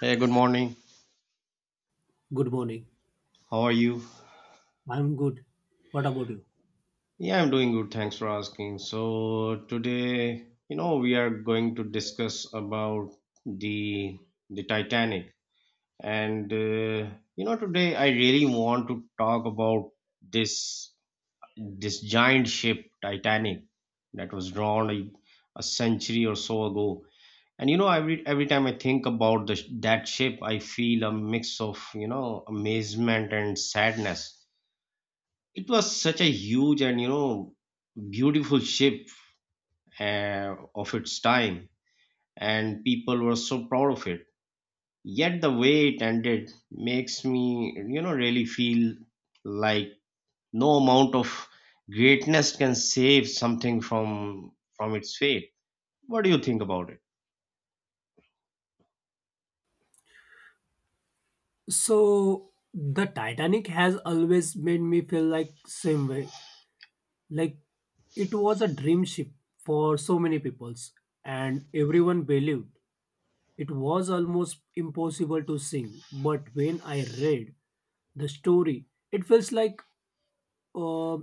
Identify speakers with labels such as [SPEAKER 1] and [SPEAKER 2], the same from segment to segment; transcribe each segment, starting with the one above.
[SPEAKER 1] Hey, good morning.
[SPEAKER 2] Good morning.
[SPEAKER 1] How are you?
[SPEAKER 2] I'm good. What about you?
[SPEAKER 1] Yeah, I'm doing good. Thanks for asking. So today, we are going to discuss about the the Titanic. And uh, Today I really want to talk about this this giant ship Titanic that was drawn a century or so ago. And every time I think about that ship, I feel a mix of, amazement and sadness. It was such a huge and beautiful ship of its time, and people were so proud of it. Yet the way it ended makes me really feel like no amount of greatness can save something from its fate. What do you think about it?
[SPEAKER 2] So, the Titanic has always made me feel like same way. Like it was a dream ship for so many peoples and everyone believed it was almost impossible to sink. But when I read the story, it feels like uh,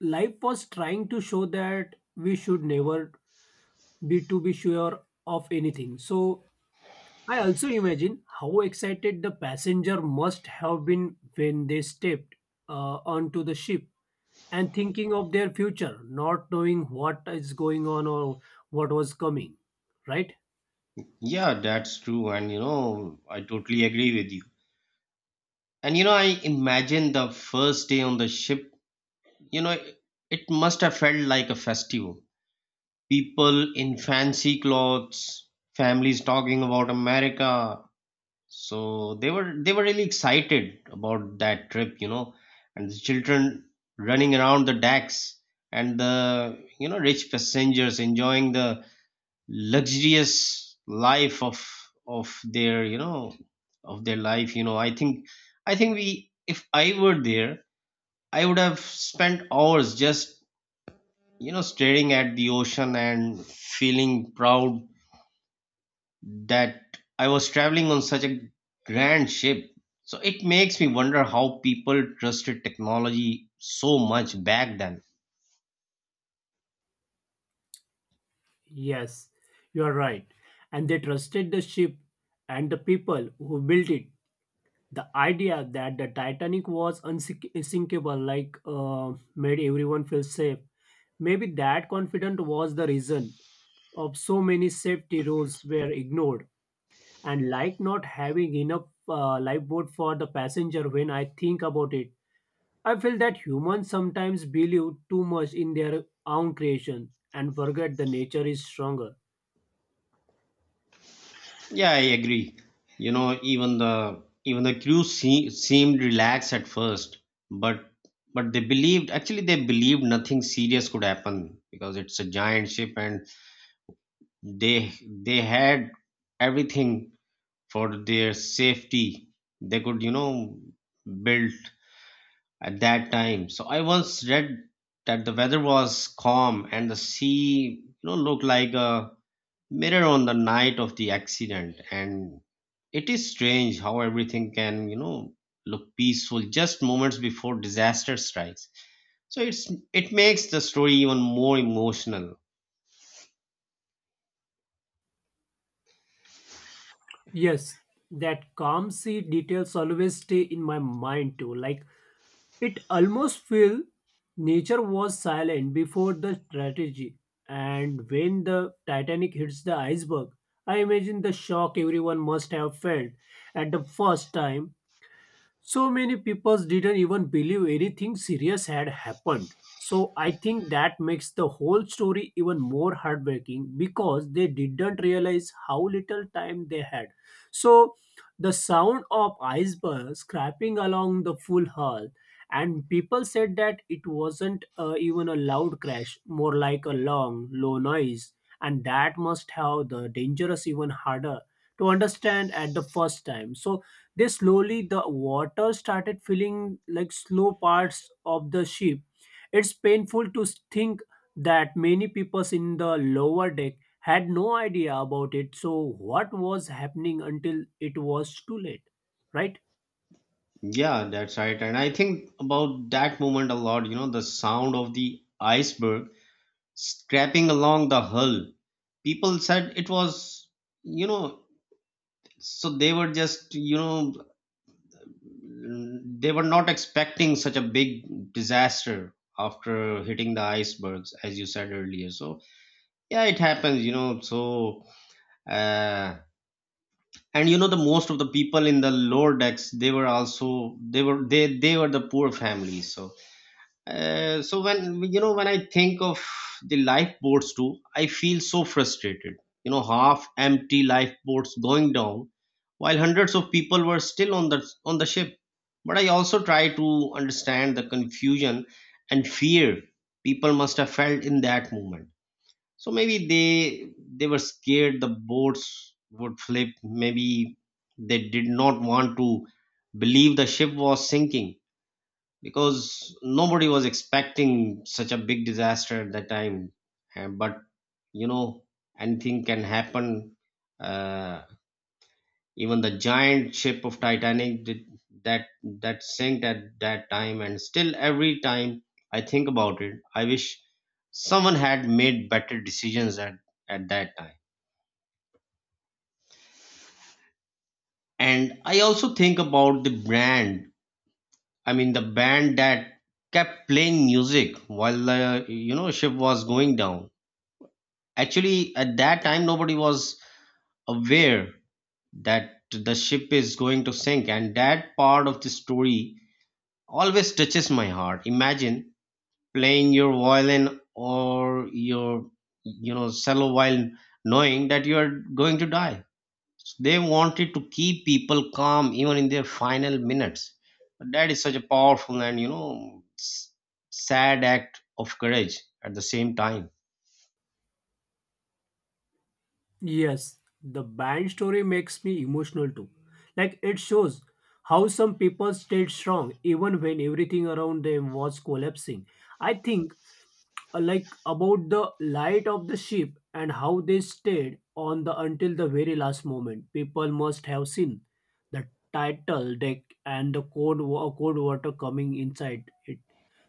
[SPEAKER 2] life was trying to show that we should never be sure of anything. So I also imagine how excited the passenger must have been when they stepped onto the ship and thinking of their future, not knowing what is going on or what was coming. Right?
[SPEAKER 1] Yeah, that's true, and I totally agree with you. And you know, I imagine the first day on the ship. You know, it must have felt like a festival, people in fancy clothes, families talking about America. So they were really excited about that trip, you know, and the children running around the decks and the rich passengers enjoying the luxurious life of their of their life. I think we, if I were there, I would have spent hours just staring at the ocean and feeling proud that I was traveling on such a grand ship. So it makes me wonder how people trusted technology so much back then.
[SPEAKER 2] Yes, you are right. And they trusted the ship and the people who built it. The idea that the Titanic was unsinkable, like, made everyone feel safe. Maybe that confidence was the reason of so many safety rules were ignored and like not having enough lifeboat for the passenger. When I think about it, I feel that humans sometimes believe too much in their own creation and forget the nature is stronger.
[SPEAKER 1] Yeah, I agree. You know, even the crew seemed relaxed at first, but they believed, actually they believed nothing serious could happen because it's a giant ship and they they had everything for their safety. They could, you know, build at that time. So I once read that the weather was calm and the sea, you know, looked like a mirror on the night of the accident. And it is strange how everything can, you know, look peaceful just moments before disaster strikes. So it makes the story even more emotional.
[SPEAKER 2] Yes, that calm sea details always stay in my mind too. Like it almost feel nature was silent before the strategy. And when the Titanic hits the iceberg, I imagine the shock everyone must have felt at the first time. So many people didn't even believe anything serious had happened. So I think that makes the whole story even more heartbreaking because they didn't realize how little time they had. So the sound of icebergs scraping along the full hull, and people said that it wasn't even a loud crash, more like a long low noise, and that must have the dangerous even harder to understand at the first time. So they slowly the water started filling like slow parts of the ship. It's painful to think that many people in the lower deck had no idea about it. So what was happening until it was too late, right?
[SPEAKER 1] Yeah, that's right. And I think about that moment a lot, you know, the sound of the iceberg scraping along the hull. People said it was, you know, so they were just, you know, they were not expecting such a big disaster after hitting the icebergs, as you said earlier. So, yeah, it happens, you know. Uh, and you know, the most of the people in the lower decks, they were also, they were, they were the poor families. So when when I think of the lifeboats too, I feel so frustrated. You know, half empty lifeboats going down while hundreds of people were still on the ship, but I also try to understand the confusion and fear people must have felt in that moment. So maybe they were scared the boats would flip. Maybe they did not want to believe the ship was sinking because nobody was expecting such a big disaster at that time. But you know, anything can happen. Uh, Even the giant ship of Titanic did that sank at that time, and still every time I think about it, I wish someone had made better decisions at that time. And I also think about the brand. I mean, the band that kept playing music while the ship was going down. Actually, at that time, nobody was aware that the ship is going to sink, and that part of the story always touches my heart. Imagine playing your violin or your, you know, cello while knowing that you are going to die. So they wanted to keep people calm even in their final minutes. That is such a powerful and, you know, sad act of courage at the same time.
[SPEAKER 2] Yes, the band story makes me emotional too. Like it shows how some people stayed strong even when everything around them was collapsing. I think like about the light of the ship and how they stayed on the until the very last moment. People must have seen the title deck and the cold, cold water coming inside it.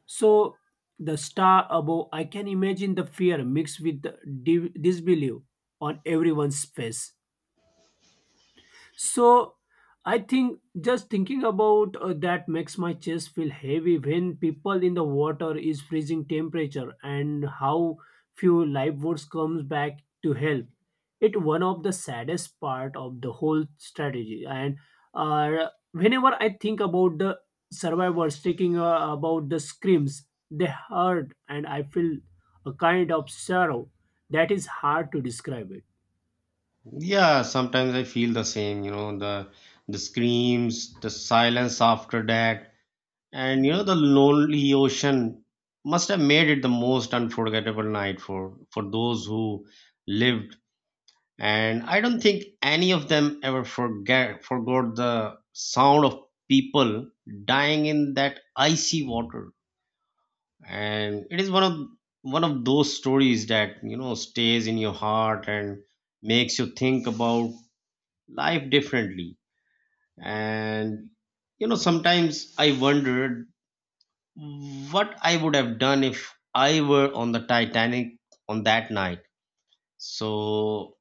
[SPEAKER 2] So the star above, I can imagine the fear mixed with the disbelief on everyone's face. So I think just thinking about that makes my chest feel heavy when people in the water is freezing temperature and how few lifeboats comes back to help. It one of the saddest part of the whole strategy. And whenever I think about the survivors taking about the screams they heard, and I feel a kind of sorrow that is hard to describe it.
[SPEAKER 1] Yeah, sometimes I feel the same, you know, the screams, the silence after that, and you know the lonely ocean must have made it the most unforgettable night for those who lived. And I don't think any of them ever forget forgot the sound of people dying in that icy water. And it is one of those stories that, you know, stays in your heart and makes you think about life differently. And you know, sometimes I wondered what I would have done if I were on the Titanic on that night. So,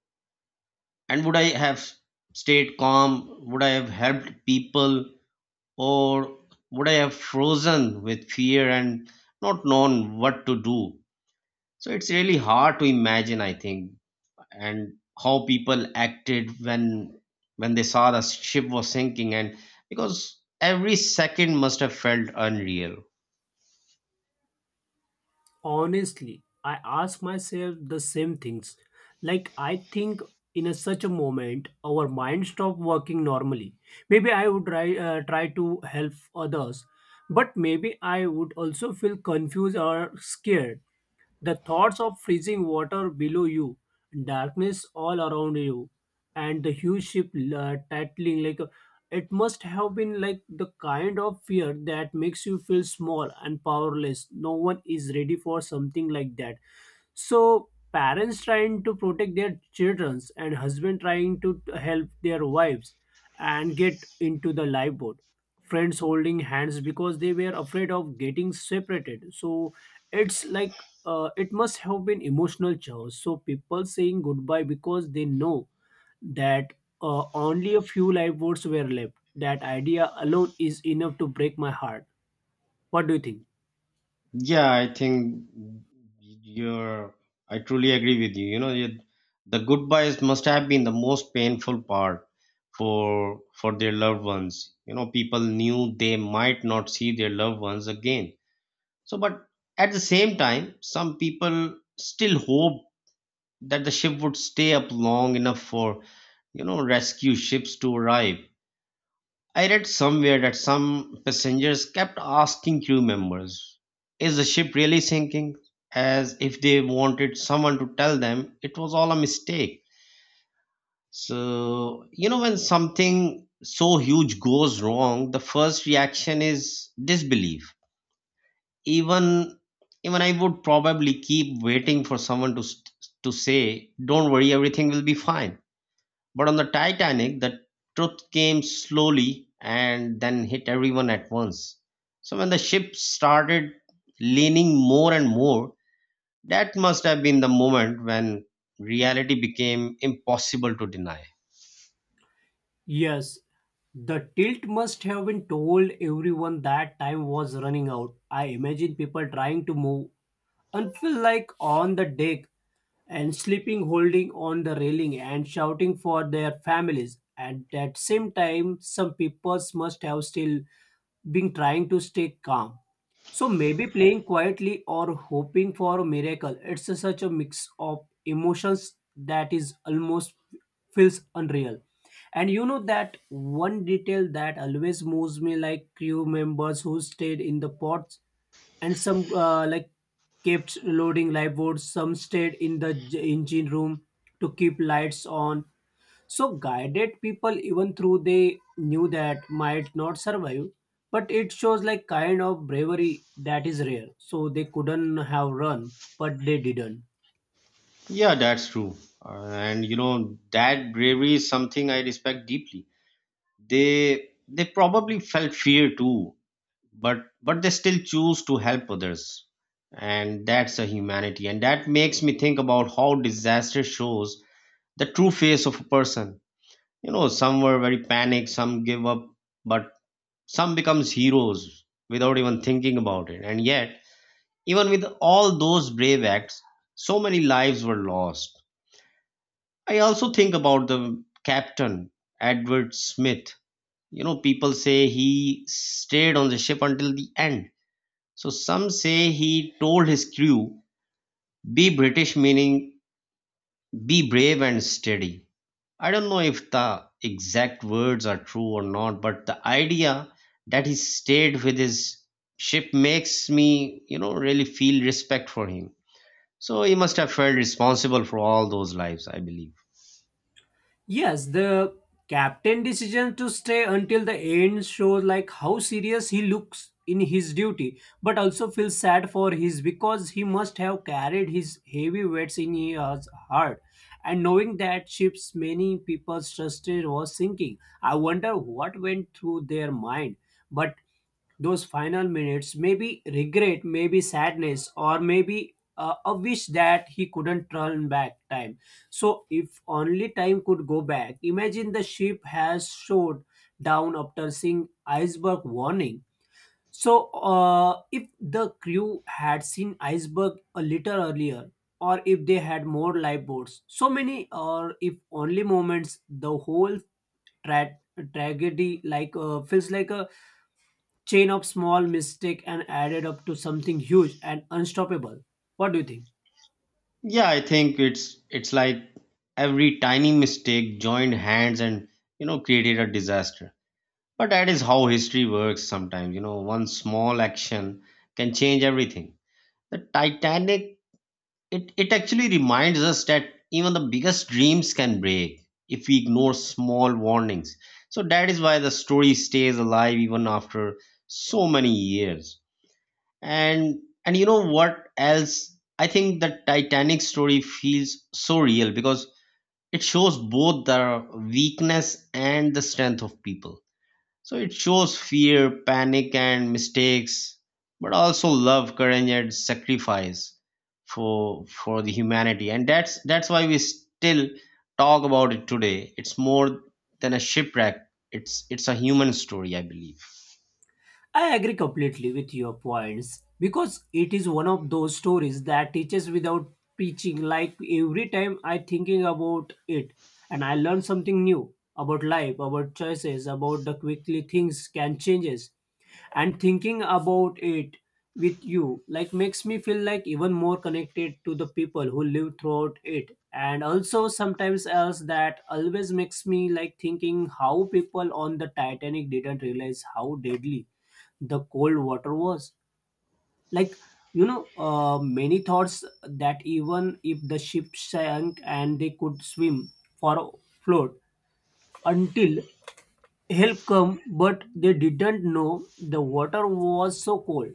[SPEAKER 1] and would I have stayed calm? Would I have helped people? Or would I have frozen with fear and not known what to do? So, it's really hard to imagine, I think. And how people acted when they saw the ship was sinking, and because every second must have felt unreal.
[SPEAKER 2] Honestly, I ask myself the same things. Like I think in a such a moment our mind stop working normally. Maybe I would try to help others, but maybe I would also feel confused or scared. The thoughts of freezing water below you, darkness all around you, and the huge ship tattling like it must have been like the kind of fear that makes you feel small and powerless. No one is ready for something like that. So parents trying to protect their children and husband trying to help their wives and get into the lifeboat, friends holding hands because they were afraid of getting separated. So it's like it must have been emotional chaos. So people saying goodbye because they know that only a few lifeboats were left. That idea alone is enough to break my heart. What do you think?
[SPEAKER 1] Yeah, I think you're I truly agree with you. The goodbyes must have been the most painful part for their loved ones. You know, people knew they might not see their loved ones again. But at the same time, some people still hope that the ship would stay up long enough for rescue ships to arrive. I read somewhere that some passengers kept asking crew members, is the ship really sinking, as if they wanted someone to tell them it was all a mistake. So you know, when something so huge goes wrong, the first reaction is disbelief. Even even I would probably keep waiting for someone to to say, don't worry, everything will be fine. But on the Titanic, the truth came slowly and then hit everyone at once. So when the ship started leaning more and more, that must have been the moment when reality became impossible to deny.
[SPEAKER 2] Yes, the tilt must have been told everyone that time was running out. I imagine people trying to move and feel like on the deck and sleeping holding on the railing and shouting for their families. At that same time, some people must have still been trying to stay calm. So maybe playing quietly or hoping for a miracle. It's such a mix of emotions that is almost feels unreal. And you know that one detail that always moves me like crew members who stayed in the pods, and some like kept loading live boats, some stayed in the engine room to keep lights on, so guided people even through they knew that might not survive. But it shows like kind of bravery that is rare. So they couldn't have run, but they didn't.
[SPEAKER 1] Yeah, that's true. And you know that bravery is something I respect deeply. They probably felt fear too, but they still choose to help others, and that's a humanity. And that makes me think about how disaster shows the true face of a person. You know, some were very panicked, some give up, but some becomes heroes without even thinking about it. And yet, even with all those brave acts, so many lives were lost. I also think about the captain, Edward Smith. You know, people say he stayed on the ship until the end. So some say he told his crew, be British, meaning be brave and steady. I don't know if the exact words are true or not, but the idea that he stayed with his ship makes me, you know, really feel respect for him. So he must have felt responsible for all those lives, I believe.
[SPEAKER 2] Yes, the captain decision to stay until the end shows like how serious he looks in his duty, but also feels sad for his because he must have carried his heavy weights in his heart. And knowing that ship's many people trusted was sinking, I wonder what went through their mind. But those final minutes, maybe regret, maybe sadness, or maybe a wish that he couldn't turn back time. So if only time could go back, imagine the ship has showed down after seeing iceberg warning. So if the crew had seen iceberg a little earlier, or if they had more lifeboats, so many, or if only moments, the whole tra- tragedy like feels like a chain of small mistakes and added up to something huge and unstoppable. What do you think?
[SPEAKER 1] Yeah, I think it's like every tiny mistake joined hands and you know created a disaster. But that is how history works sometimes. You know, one small action can change everything. The Titanic, it actually reminds us that even the biggest dreams can break if we ignore small warnings. So that is why the story stays alive even after so many years. And you know what else? I think the Titanic story feels so real because it shows both the weakness and the strength of people. So it shows fear, panic, and mistakes, but also love, courage, and sacrifice for the humanity. And that's why we still talk about it today. It's more than a shipwreck. It's a human story, I believe.
[SPEAKER 2] I agree completely with your points because it is one of those stories that teaches without preaching. Like every time I thinking about it, and I learn something new about life, about choices, about the quickly things can changes, and thinking about it with you like makes me feel like even more connected to the people who live throughout it. And also sometimes else that always makes me like thinking how people on the Titanic didn't realize how deadly the cold water was. Like you know many thoughts that even if the ship sank and they could swim for float until help come, but they didn't know the water was so cold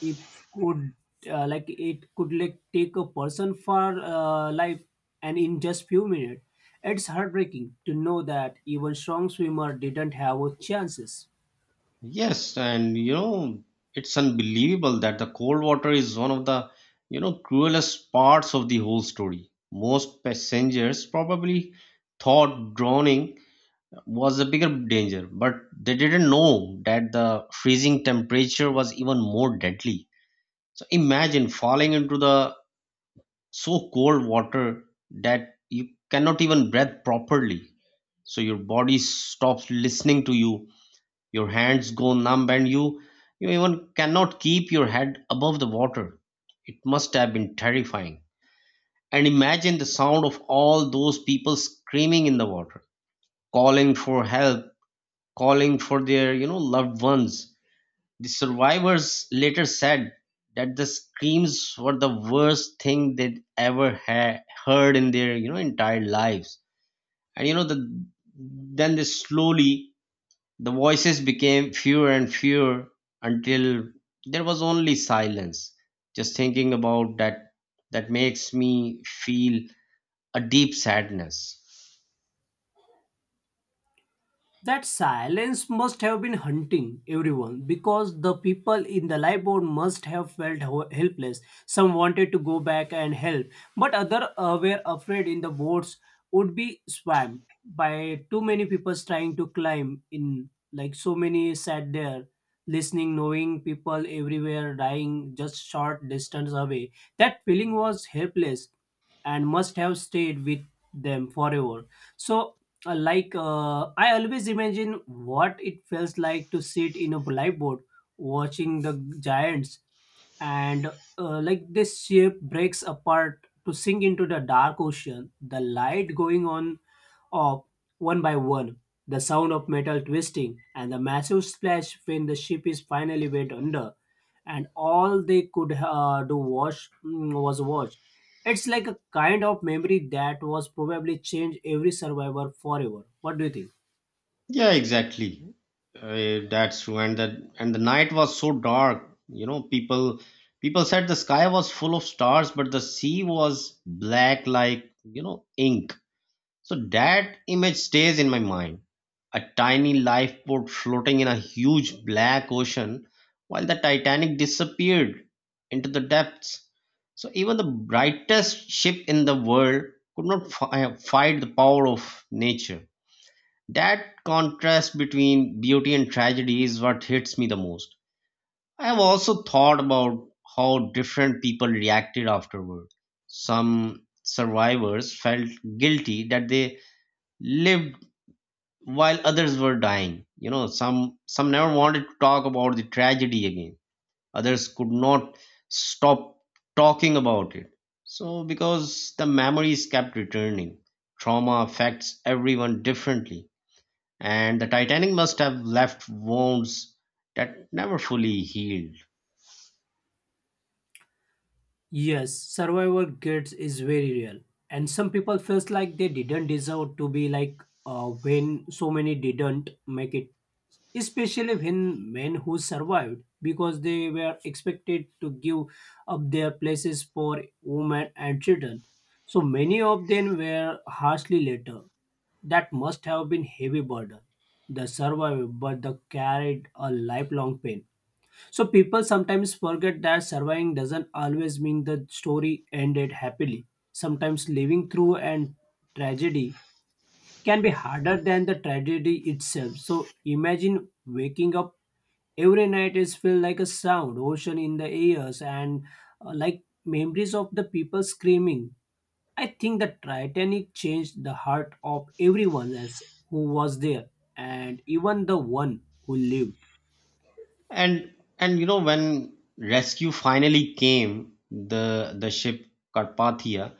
[SPEAKER 2] it could like it could like take a person for life and in just few minutes. It's heartbreaking to know that even strong swimmer didn't have a chances.
[SPEAKER 1] Yes, and you know it's unbelievable that the cold water is one of the you know cruelest parts of the whole story. Most passengers probably thought drowning was a bigger danger, but they didn't know that the freezing temperature was even more deadly. So imagine falling into the so cold water that you cannot even breathe properly. So your body stops listening to you, your hands go numb, and you even cannot keep your head above the water. It must have been terrifying. And imagine the sound of all those people screaming in the water, calling for help, calling for their you know loved ones. The survivors later said that the screams were the worst thing they'd ever heard in their you know entire lives. And you know, then they slowly the voices became fewer and fewer, until there was only silence. Just thinking about that makes me feel a deep sadness.
[SPEAKER 2] That silence must have been hunting everyone because the people in the live board must have felt helpless. Some wanted to go back and help, but others were afraid in the boards would be swamped by too many people trying to climb in. Like so many sat there listening, knowing people everywhere dying just short distance away. That feeling was helpless and must have stayed with them forever. So I always imagine what it feels like to sit in a lifeboat watching the giants and like this ship breaks apart to sink into the dark ocean, the light going on off one by one, the sound of metal twisting and the massive splash when the ship is finally wet under, and all they could do wash, mm, was watch. It's like a kind of memory that was probably changed every survivor forever. What do you think?
[SPEAKER 1] Yeah, exactly. That's true. And the night was so dark. You know, people said the sky was full of stars, but the sea was black like, you know, ink. So that image stays in my mind. A tiny lifeboat floating in a huge black ocean while the Titanic disappeared into the depths. So even the brightest ship in the world could not fight the power of nature. That contrast between beauty and tragedy is what hits me the most. I have also thought about how different people reacted afterward. Some survivors felt guilty that they lived while others were dying. You know, some never wanted to talk about the tragedy again. Others could not stop talking about it. So because the memories kept returning, trauma affects everyone differently, and the Titanic must have left wounds that never fully healed.
[SPEAKER 2] Yes, survivor guilt is very real, and some people feels like they didn't deserve to be like when so many didn't make it, especially when men who survived because they were expected to give up their places for women and children. So many of them were harshly later. That must have been heavy burden. The survivor, but they carried a lifelong pain. So people sometimes forget that surviving doesn't always mean the story ended happily. Sometimes living through and tragedy can be harder than the tragedy itself. So imagine waking up every night is filled like a sound ocean in the ears and like memories of the people screaming. I think the Titanic changed the heart of everyone else who was there and even the one who lived.
[SPEAKER 1] And you know, when rescue finally came, the ship Carpathia,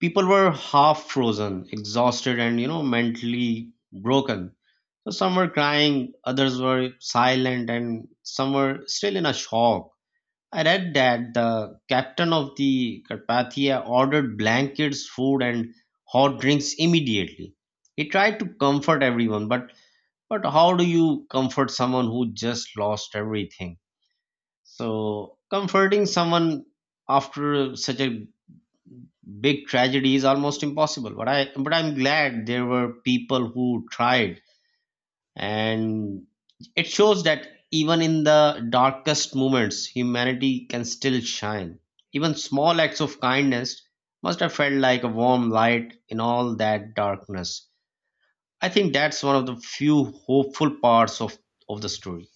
[SPEAKER 1] people were half frozen, exhausted, and you know, mentally broken. So some were crying, others were silent, and some were still in a shock. I read that the captain of the Carpathia ordered blankets, food, and hot drinks immediately. He tried to comfort everyone, but how do you comfort someone who just lost everything? So comforting someone after such a big tragedy is almost impossible. But I'm glad there were people who tried, and it shows that even in the darkest moments humanity can still shine. Even small acts of kindness must have felt like a warm light in all that darkness. I think that's one of the few hopeful parts of the story.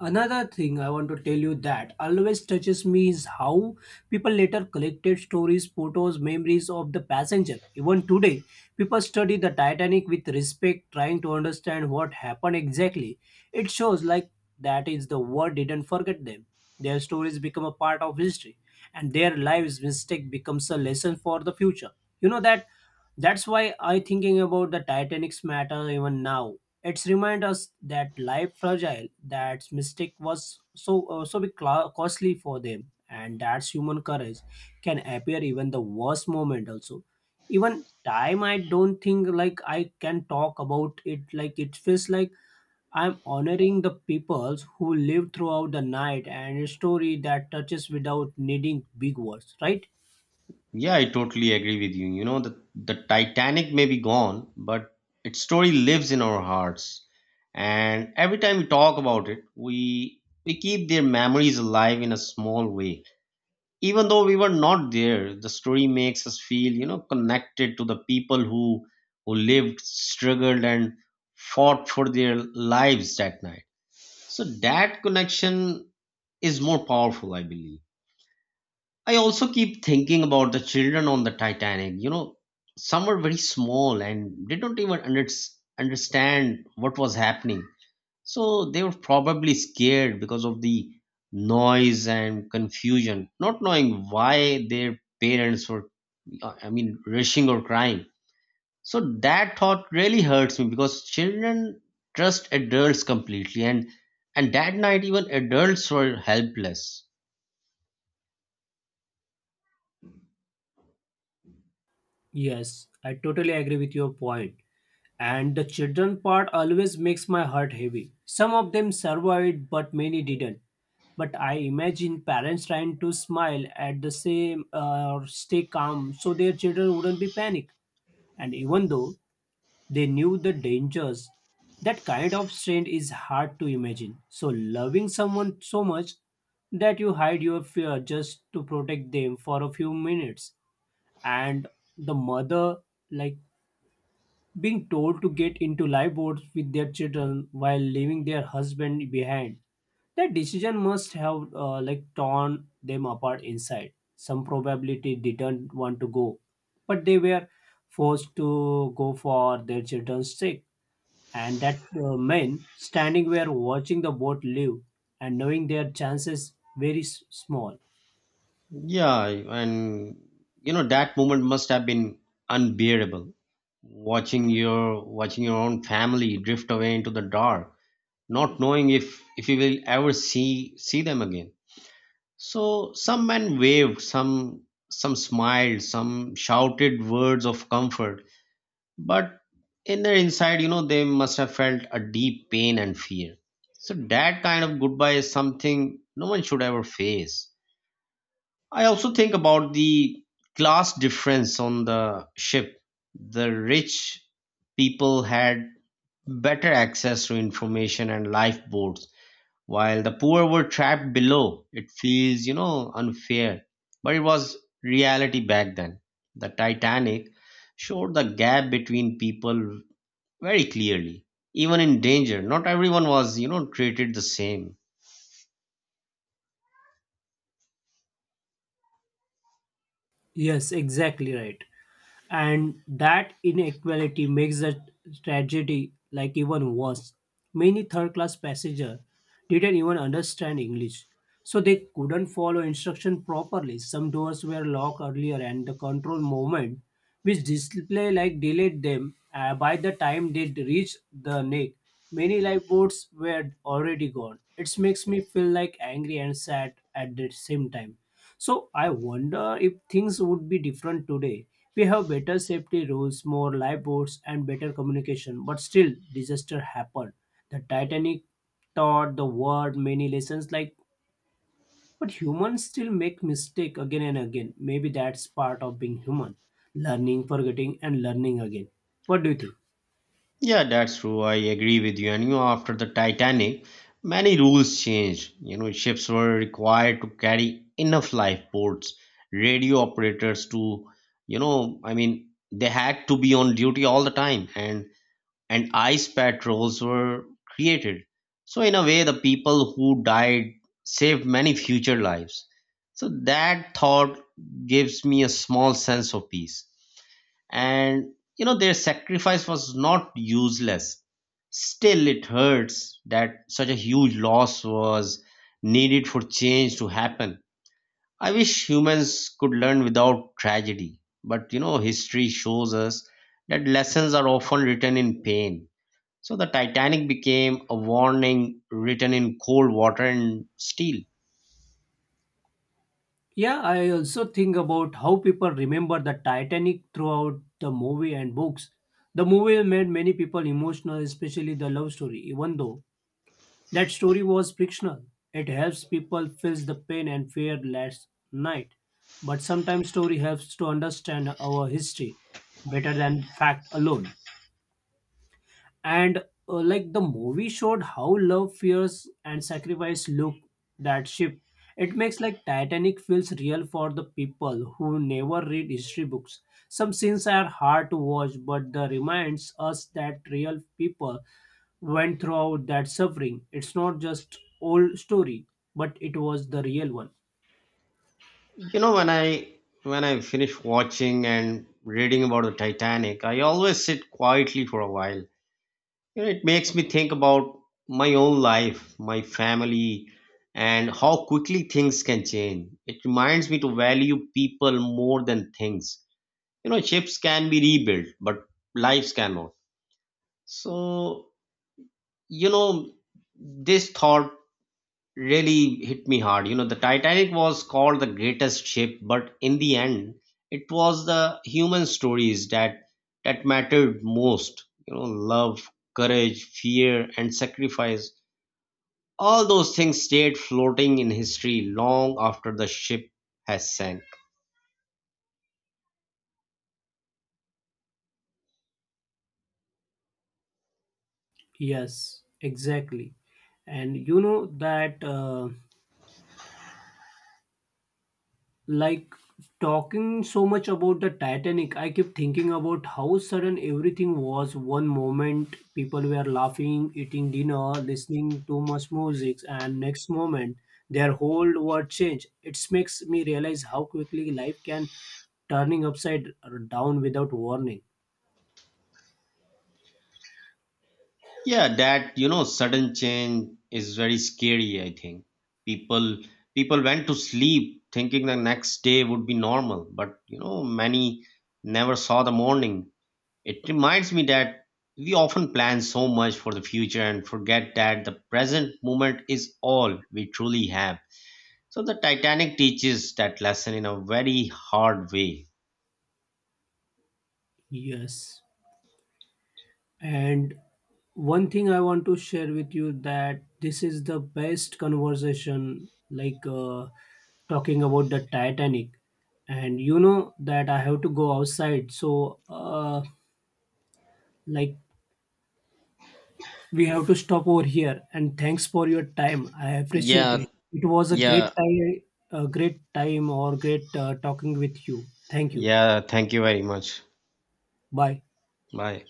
[SPEAKER 2] Another thing I want to tell you that always touches me is how people later collected stories, photos, memories of the passenger. Even today, people study the Titanic with respect, trying to understand what happened exactly. It shows like that is the world didn't forget them. Their stories become a part of history, and their lives' mistake becomes a lesson for the future. You know that that's why I thinking about the Titanic's matter even now. It's remind us that life fragile, that mistake was so so big costly for them, and that's human courage can appear even the worst moment also. Even time, I don't think like I can talk about it. Like it feels like I'm honoring the peoples who lived throughout the night and a story that touches without needing big words, right?
[SPEAKER 1] Yeah, I totally agree with you. You know, the Titanic may be gone, but its story lives in our hearts, and every time we talk about it, we keep their memories alive in a small way. Even though we were not there, the story makes us feel, you know, connected to the people who lived, struggled, and fought for their lives that night. So that connection is more powerful, I believe. I also keep thinking about the children on the Titanic. You know, some were very small and they don't even understand what was happening. So they were probably scared because of the noise and confusion, not knowing why their parents were, rushing or crying. So that thought really hurts me because children trust adults completely, and that night even adults were helpless.
[SPEAKER 2] Yes, I totally agree with your point. And the children part always makes my heart heavy. Some of them survived, but many didn't. But I imagine parents trying to smile at the same or stay calm so their children wouldn't be panic. And even though they knew the dangers, that kind of strain is hard to imagine. So loving someone so much that you hide your fear just to protect them for a few minutes. And the mother, like being told to get into lifeboats with their children while leaving their husband behind. That decision must have like torn them apart inside. Some probability didn't want to go, but they were forced to go for their children's sake. And that men standing were watching the boat leave and knowing their chances very small.
[SPEAKER 1] Yeah, and you know, that moment must have been unbearable. Watching your own family drift away into the dark, not knowing if you will ever see them again. So some men waved, some smiled, some shouted words of comfort, but in their inside, you know, they must have felt a deep pain and fear. So that kind of goodbye is something no one should ever face. I also think about the class difference on the ship. The rich people had better access to information and lifeboats, while the poor were trapped below. It feels, you know, unfair, but it was reality back then. The Titanic showed the gap between people very clearly. Even in danger, not everyone was, you know, treated the same.
[SPEAKER 2] Yes, exactly right. And that inequality makes the tragedy like even worse. Many third class passengers didn't even understand English, so they couldn't follow instruction properly. Some doors were locked earlier and the control movement which display like delayed them. By the time they reached the neck, many lifeboats were already gone. It makes me feel like angry and sad at the same time. So I wonder if things would be different today. We have better safety rules, more lifeboats, and better communication, but still disaster happened. The Titanic taught the world many lessons like, but humans still make mistake again and again. Maybe that's part of being human. Learning, forgetting, and learning again. What do you think?
[SPEAKER 1] Yeah, that's true. I agree with you. And you know, after the Titanic, many rules changed. You know, ships were required to carry enough lifeboats, radio operators to, they had to be on duty all the time, and ice patrols were created. So in a way, the people who died saved many future lives. So that thought gives me a small sense of peace. And you know, their sacrifice was not useless. Still, it hurts that such a huge loss was needed for change to happen. I wish humans could learn without tragedy. But you know, history shows us that lessons are often written in pain. So the Titanic became a warning written in cold water and steel.
[SPEAKER 2] Yeah, I also think about how people remember the Titanic throughout the movie and books. The movie made many people emotional, especially the love story. Even though that story was fictional, it helps people feel the pain and fear last night. But sometimes story helps to understand our history better than fact alone. And like the movie showed how love fears and sacrifice look that ship. It makes like Titanic feels real for the people who never read history books. Some scenes are hard to watch, but the reminds us that real people went throughout that suffering. It's not just old story, but it was the real one.
[SPEAKER 1] You know, when I finish watching and reading about the Titanic, I always sit quietly for a while. You know, it makes me think about my own life, my family, and how quickly things can change. It reminds me to value people more than things. You know, ships can be rebuilt, but lives cannot. So, you know, this thought really hit me hard. You know, the Titanic was called the greatest ship, but in the end, it was the human stories that mattered most. You know, love, courage, fear, and sacrifice. All those things stayed floating in history long after the ship has sank.
[SPEAKER 2] Yes, exactly. And you know that like talking so much about the Titanic, I keep thinking about how sudden everything was. One moment people were laughing, eating dinner, listening to much music, and next moment their whole world changed. It makes me realize how quickly life can turning upside down without warning.
[SPEAKER 1] Yeah, that, you know, sudden change is very scary, I think. People people went to sleep thinking the next day would be normal, but you know, many never saw the morning. It reminds me that we often plan so much for the future and forget that the present moment is all we truly have. So the Titanic teaches that lesson in a very hard way.
[SPEAKER 2] Yes. And one thing I want to share with you that this is the best conversation, like talking about the Titanic. And you know that I have to go outside, so like we have to stop over here. And thanks for your time. I appreciate
[SPEAKER 1] Yeah,
[SPEAKER 2] it. It was
[SPEAKER 1] yeah.
[SPEAKER 2] a great time, or great talking with you. Thank you.
[SPEAKER 1] Yeah, thank you very much.
[SPEAKER 2] Bye.
[SPEAKER 1] Bye.